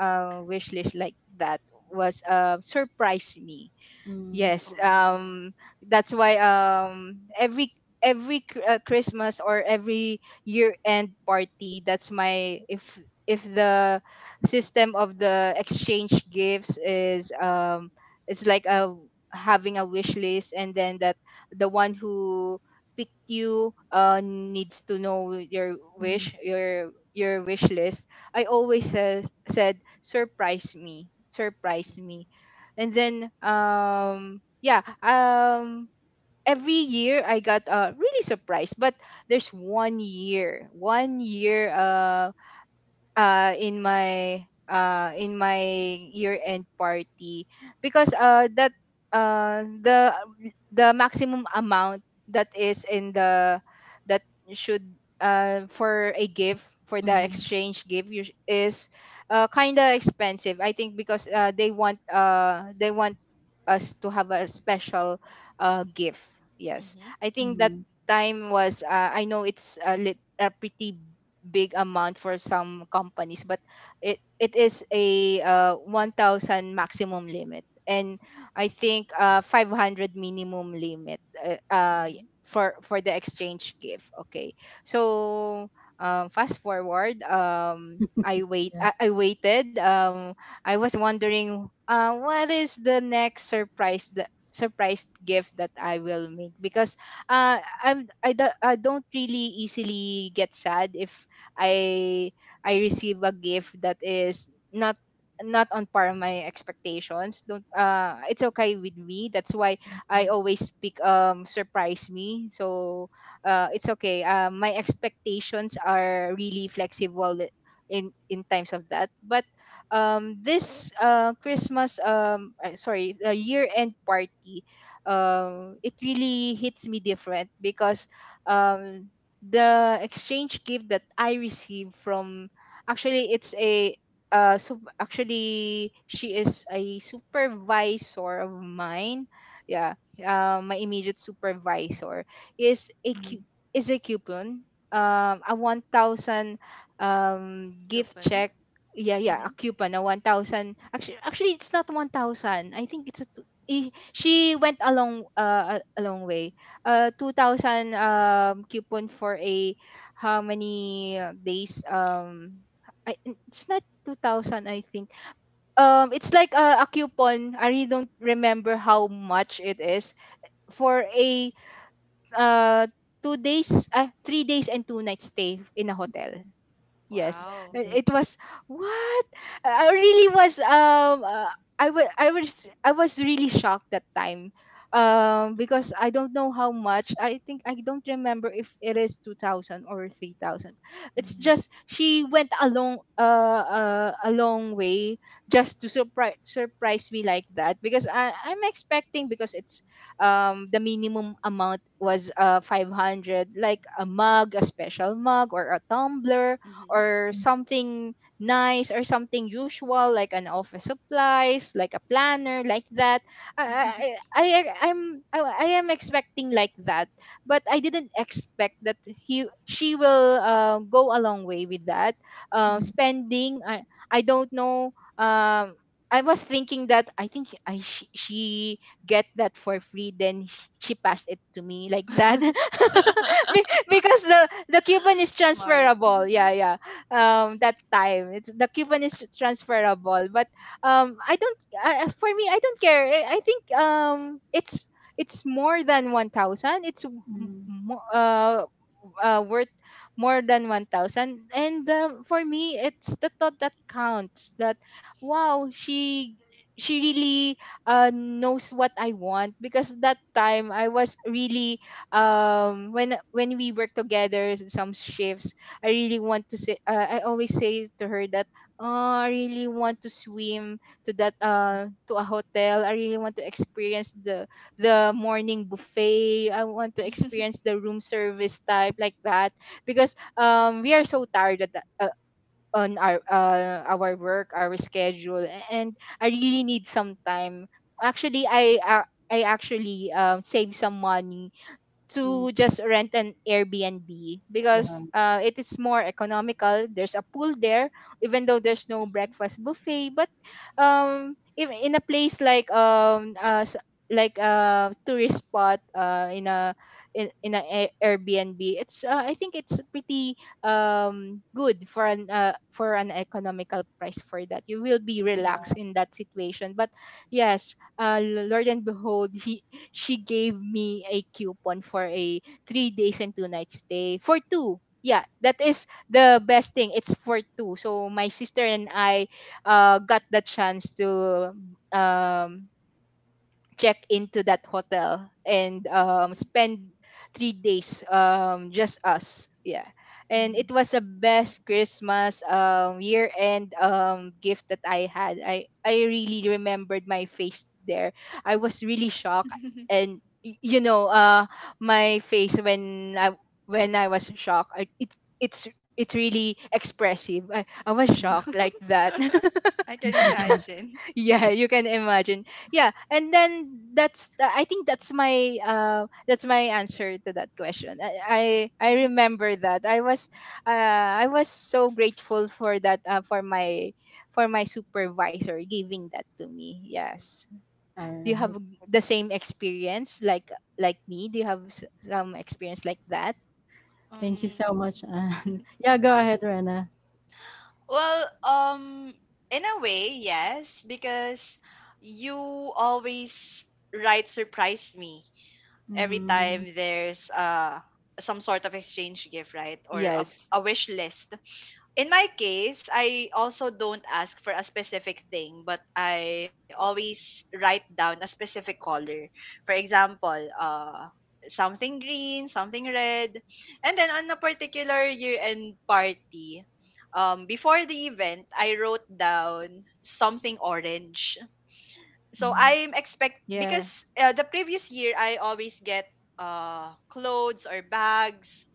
a wish list like that, was uh surprise me. mm, Yes, Oh. um, that's why, um, every every cr- uh, Christmas or every year end party, that's my, if if the system of the exchange gifts is, um, it's like a having a wish list, and then that the one who picked you uh, needs to know your wish, mm, your your wish list. I always says said, "surprise me, surprise Mhm. me." And then, um yeah, um every year I got uh really surprised, but there's one year, one year uh uh in my, uh in my year end party, because uh that uh the the maximum amount that is in the, that should uh for a gift for the mm, exchange gift us- is uh kind of expensive, I think, because uh they want, uh they want us to have a special uh gift. Yes, Mhm. I think that mm. time was, uh, I know it's a lit, a pretty big amount for some companies, but it it is a, uh, one thousand maximum limit, and I think, uh, five hundred minimum limit, uh, uh, Mhm. for for the exchange gift. Okay, so um, fast forward, um i wait Yeah. i, I waited, um I was wondering, uh, what is the next surprise, the surprise gift that I will make, because uh, I'm I, do, I don't really easily get sad if I I receive a gift that is not not on par my expectations, don't uh it's okay with me, that's why I Mm, always pick, um surprise me. So uh it's okay, uh, my expectations are really flexible in in times of that, but um this uh Christmas, um uh, sorry, uh, year end party, um it really hits me different, because um the exchange gift that I received from, actually it's a uh so actually, she is a supervisor of mine. Yeah, uh, my immediate supervisor, is a mm, cu- mm, is a coupon, um a one thousand um gift check. Coupon. Yeah, yeah. A Mhm. coupon, a one thousand. Actually actually it's not one thousand, I think it's a, t- eh, she went along, uh, a long a- a long way, uh two thousand um coupon for a, how many uh, days? um I, it's not two thousand, I think. Um it's like a, a coupon. I really don't remember how much it is, for a, uh two days, uh, three days and two nights stay in a hotel. Yes, Wow. uh, it was, what, I I really was, Um, uh, I was I was I was really shocked that time, um, Mhm. because I don't know how much. I think I don't remember if it is two thousand or three thousand. It's just, she went a long, uh, uh a long way, just to surprise surprise me like that, because I I'm expecting, because it's, um the minimum amount was uh five hundred, like a mug, a special mug, or a tumbler, Mhm. or mm, something nice, or something usual, like an office supplies, like a planner, like that. i i, I i'm I, I am expecting like that, but I didn't expect that he she will, uh, go a long way with that, uh, mm, spending. i I don't know. um I was thinking that, I think I she, she get that for free, then sh- she passed it to me like that. Be- because the the coupon is Smart. transferable. Yeah, yeah. Um that time, it's the coupon is transferable, but um I don't uh, for me, I don't care. i, I think, um it's it's more than one thousand. It's m- mm, mo- uh, uh worth more than one thousand, and um, for me, it's the thought that counts. That, wow, she she really uh, knows what I want, because that time I was really, um when when we worked together some shifts, I really want to say, uh, I always say to her that, oh, I really want to swim, to that uh to a hotel. I really want to experience the the morning buffet. I want to experience the room service type, like that, because um we are so tired at the, uh, on our, uh, our work, our schedule, and I really need some time. Actually I uh, I actually um save some money to mm. just rent an Airbnb, because Wow. uh, it is more economical. There's a pool there, even though there's no Mhm, breakfast buffet. But um, if in a place like, um uh, s- like a tourist spot, uh in a, in, in a Ai- Airbnb, it's, uh, I think it's pretty um good for an, uh, for an economical price for that. You will be relaxed mhm, Yeah. in that situation. But yes, uh, Lord and behold, she gave me a coupon for a three days and two nights stay for two. Yeah, that is the best thing. It's for two. So my sister and I, uh, got the chance to, um, check into that hotel and, um, mhm, spend three days, um, just us. Yeah. And it Mm, was the mhm, best Christmas, um, year end, um, gift that I had. I, I really remembered my face there. I was really shocked. And y- you know, uh, my face when i when I was shocked, I, it, it's it's really expressive. I, I was shocked like that. I can mm. imagine. yeah, you can imagine. Yeah, and then that's, I think that's my, uh that's my answer to that question. i i, I Mhm. remember that I was, uh I was so grateful for that, uh, for my for my supervisor giving that to me. Yes. Do you have Alright. the same experience, like like me? Do you have s- some experience like that? Thank you so Um, much, Anne. Yeah, go ahead, Rena. well, um, in a way, yes, because you always right surprise me every Mm, time there's uh some sort of exchange gift, right, or a, Yes. a wish list. In my case, I also don't ask for a specific thing, but I always write down a specific color. For example, uh, something green, something red. And then on a particular year end party, um, before the event, I wrote down something orange. So mm, I'm expect Yeah, because uh, the previous year I always get uh clothes or bags.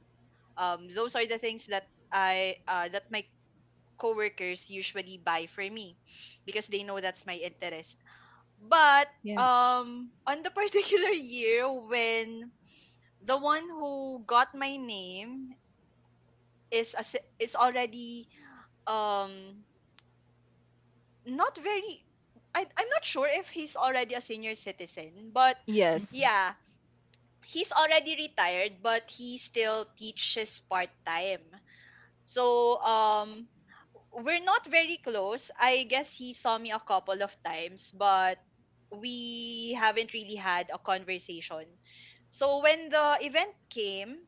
Um, those are the things that I uh, that my coworkers usually buy for me because they know that's my interest. But yeah. um on the particular year when the one who got my name is a, si, is already um not very, I, I'm not sure if he's already a senior citizen, but mm, Yes. yeah, he's already retired, but he still teaches part time. So um we're not very close. I guess he saw me a couple of times, but we haven't really had a conversation. So when the event came,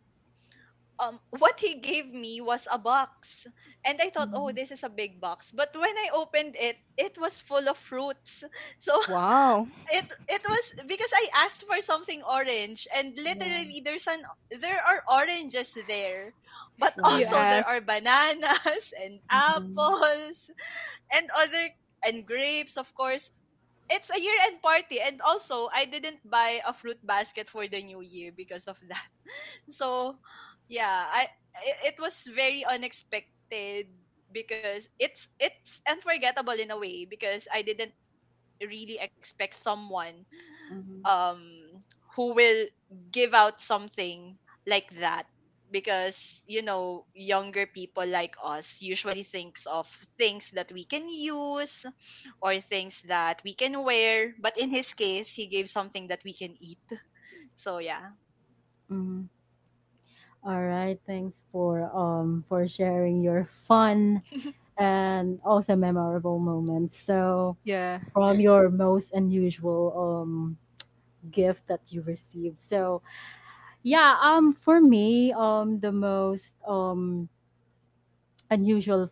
um, what he gave me was a box. And I thought, oh, mm. this is a big box. But when I opened it, it was full of fruits. So Wow. it it was because I asked for something orange, and Yeah. literally there's an there are oranges there. But you Wow. also there are ask. bananas and Mhm, apples and other and grapes, of course. It's a year-end party, and also I didn't buy a fruit basket for the new year because of that. So, yeah, I i- it was very unexpected because it's it's unforgettable in a way because I didn't really expect someone mhm, um who will give out something like that, because you know younger people like us usually thinks of things that we can use or things that we can wear. But in his case, he gave something that we can eat. So yeah. mhm. All right. Thanks for um for sharing your fun and also memorable moments. So Yeah, from your most unusual um gift that you received. So yeah, um for me, um the most um unusual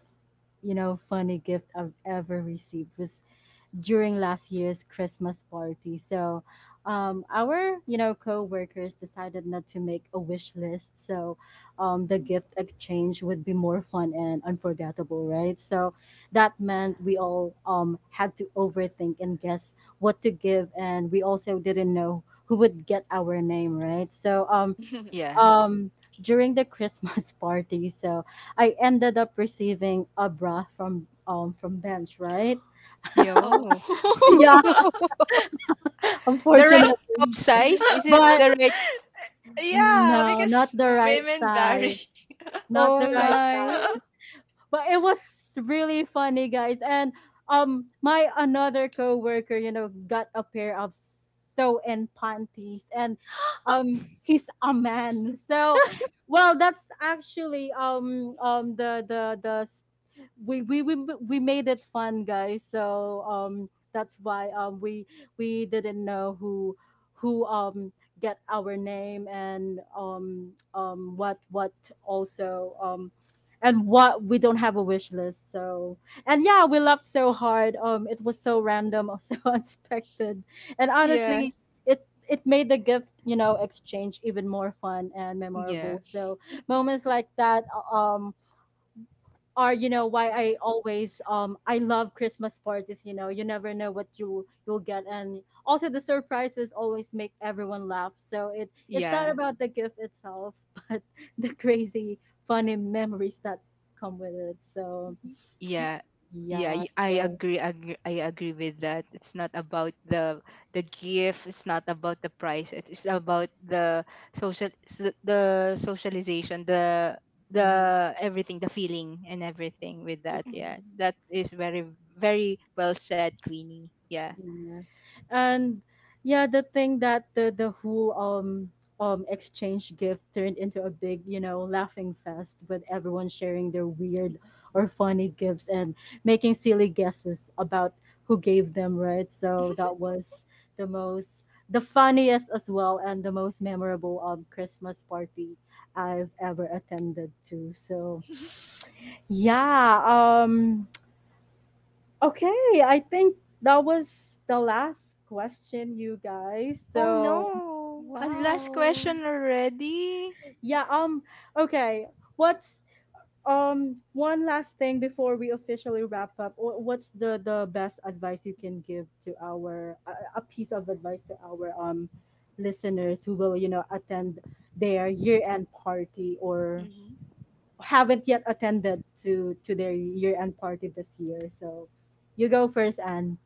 you know funny gift I've ever received was during last year's Christmas party. So, um, our you know co-workers decided not to make a wish list, so um, the Mm. gift exchange would be more fun and unforgettable, right? So that meant we all um, had to overthink and guess what to give, and we also didn't know who would get our name, right? So um, yeah. um, during the Christmas party, so I ended up receiving a bra from um, from Bench, right? Yo. Oh. Yeah. the right Unfortunately. cup size? Is it But the right? Yeah, no, not because the right women vary. size. Not the Oh right my. size, but it was really funny, guys. And um, my another coworker, you know, got a pair of so and panties, and um, he's a man. So, well, that's actually um um the the the s- we we we we made it fun, guys. So um that's why um we we didn't know who who um get our name, and um um what what also um, and what we don't have a wish list. So and yeah, we laughed so hard. Um it was so random, so unexpected, and Yeah. honestly, it it made the gift, you know, exchange even more fun and memorable. Yeah. So moments like that, uh, um are you know why I always um I love Christmas parties. You know, you never know what you you'll get, and also the surprises always make everyone laugh. So it it's not Yeah. about the gift itself, but the crazy funny memories that come with it. So Mhm, Yeah. Yeah, yeah, y- I so. agree, agree. I agree with that. It's not about the the gift. It's not about the price. It's about the, social, s- the socialization, the Mm, the everything, the feeling, and everything with that. mhm, Yeah, that is very, very well said, Queenie. Yeah. yeah. And yeah, the thing that the the whole um um exchange gift turned into a big, you know, laughing fest with everyone sharing their weird or funny gifts and making silly guesses about who gave them, right? So that was the most the funniest as well and the most memorable um Christmas party I've ever attended to. So yeah, um, okay, I think that was the last question, you guys. Oh So, no! And last wow. question already? yeah, um, okay, what's um one last thing before we officially wrap up? Wh- What's the the best advice you can give to our a, a piece of advice to our um listeners who will, you know, attend their year-end party or Mhm. haven't yet attended to to their year-end party this year. So, you go first, Anne.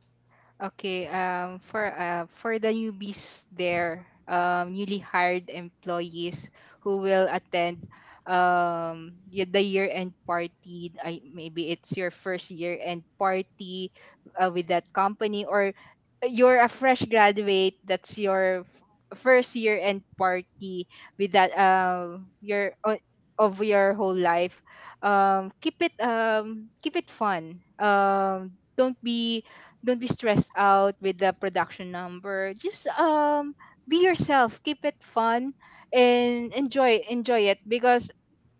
Okay, um, for uh, for the newbies there, um, newly hired employees who will attend, um y- the year end party. I, maybe it's your first year end party, uh, with that company, or you're a fresh graduate. That's your f- first year end party with that, um your o- of your whole life. Um, keep it um keep it fun. Um, don't be don't be stressed out with the production number, just um be yourself, keep it fun, and enjoy enjoy it, because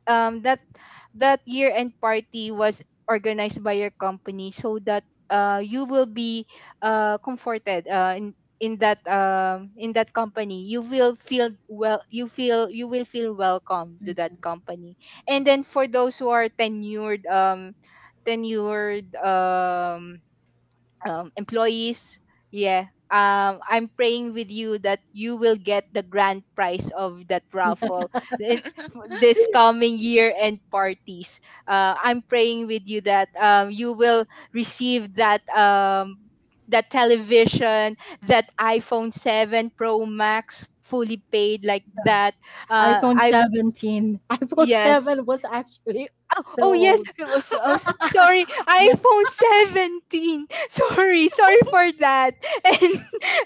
um that that year end party was organized by your company so that uh you will be, uh comforted, uh in in that um in that company, you will feel well, you feel you will feel welcome to that company. And then, for those who are tenured, um tenured um um, employees. Yeah. Um, I'm praying with you that you will get the grand prize of that Mhm. raffle, it, f- this coming year and parties. Uh, I'm praying with you that, um, you will receive that, um, that television, that iPhone seven Pro Max, fully paid, like that. Uh, iPhone I seventeen. iPhone Yes. seven was actually Oh, so oh yes, old. I was, I was- sorry, iPhone seventeen. Sorry, sorry for that. And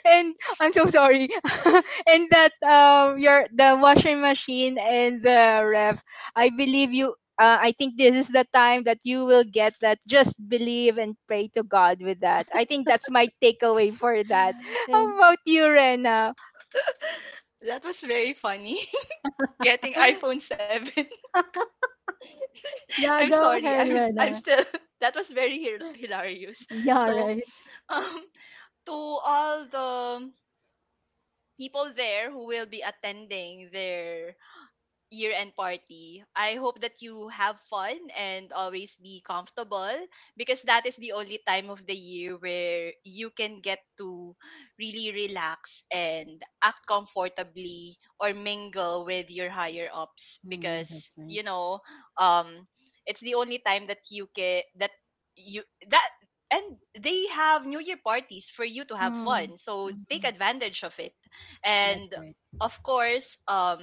and I'm so sorry. and that, um your the washing machine and the ref. I believe you, uh, I think this is the time that you will get that. Just believe and pray to God with that. I think that's my takeaway for that. How Nothing. about you, Rena? That was very funny. Getting iPhone seven. I'm Yeah, go sorry. I'm ahead, s- I'm Rena. still, that was very hil- hilarious. Yeah, So, right. um, to all the people there who will be attending their year end party, I hope that you have fun and always be comfortable, because that is the only time of the year where you can get to really relax and act comfortably or mingle with your higher ups, Mm, because that's right. you know um it's the only time that you can that you that and they have new year parties for you to have Mm, fun, so take mhm. advantage of it. That's And right. of course, um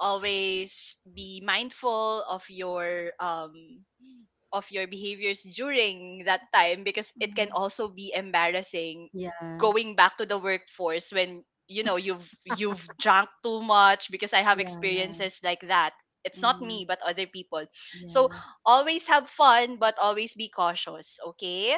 always be mindful of your um of your behaviors during that time, because it can Mm, also be embarrassing yeah, going back to the workforce when you know you've you've drunk too much, because I have yeah, experiences like that. It's not mm, me but other people. So yeah. always have fun, but always be cautious, okay?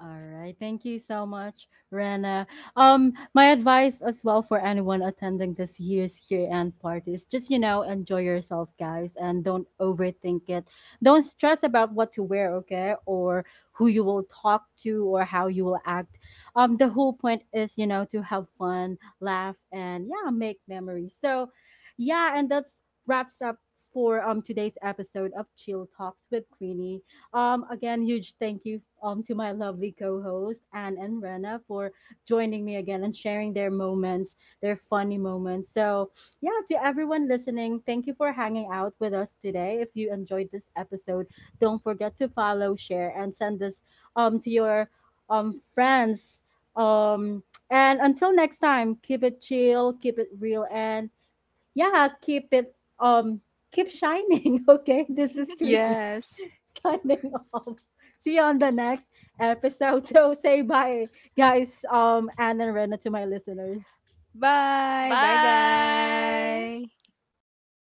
All right. Thank you so much, Rena. Um, my advice as well for anyone attending this year's year-end party is just, you know, enjoy yourself, guys, and don't overthink it. Don't stress about what to wear, okay, or who you will talk to or how you will act. Um, the whole point is, you know, to have fun, laugh, and yeah, make memories. So, yeah, and that's wraps up for um today's episode of Chill Talks with Queenie. Um, again, huge thank you um, to my lovely co-host Anne and Rena for joining me again and sharing their moments, their funny moments. So, yeah, to everyone listening, thank you for hanging out with us today. If you enjoyed this episode, don't forget to follow, share, and send this um to your um friends. Um, and until next time, keep it chill, keep it real, and yeah, keep it um keep shining. Okay, this is Greeny. Yes. Signing off. See you on the next episode. So say bye, guys. Um, Anne and Rena to my listeners. Bye. Bye, Bye. guys.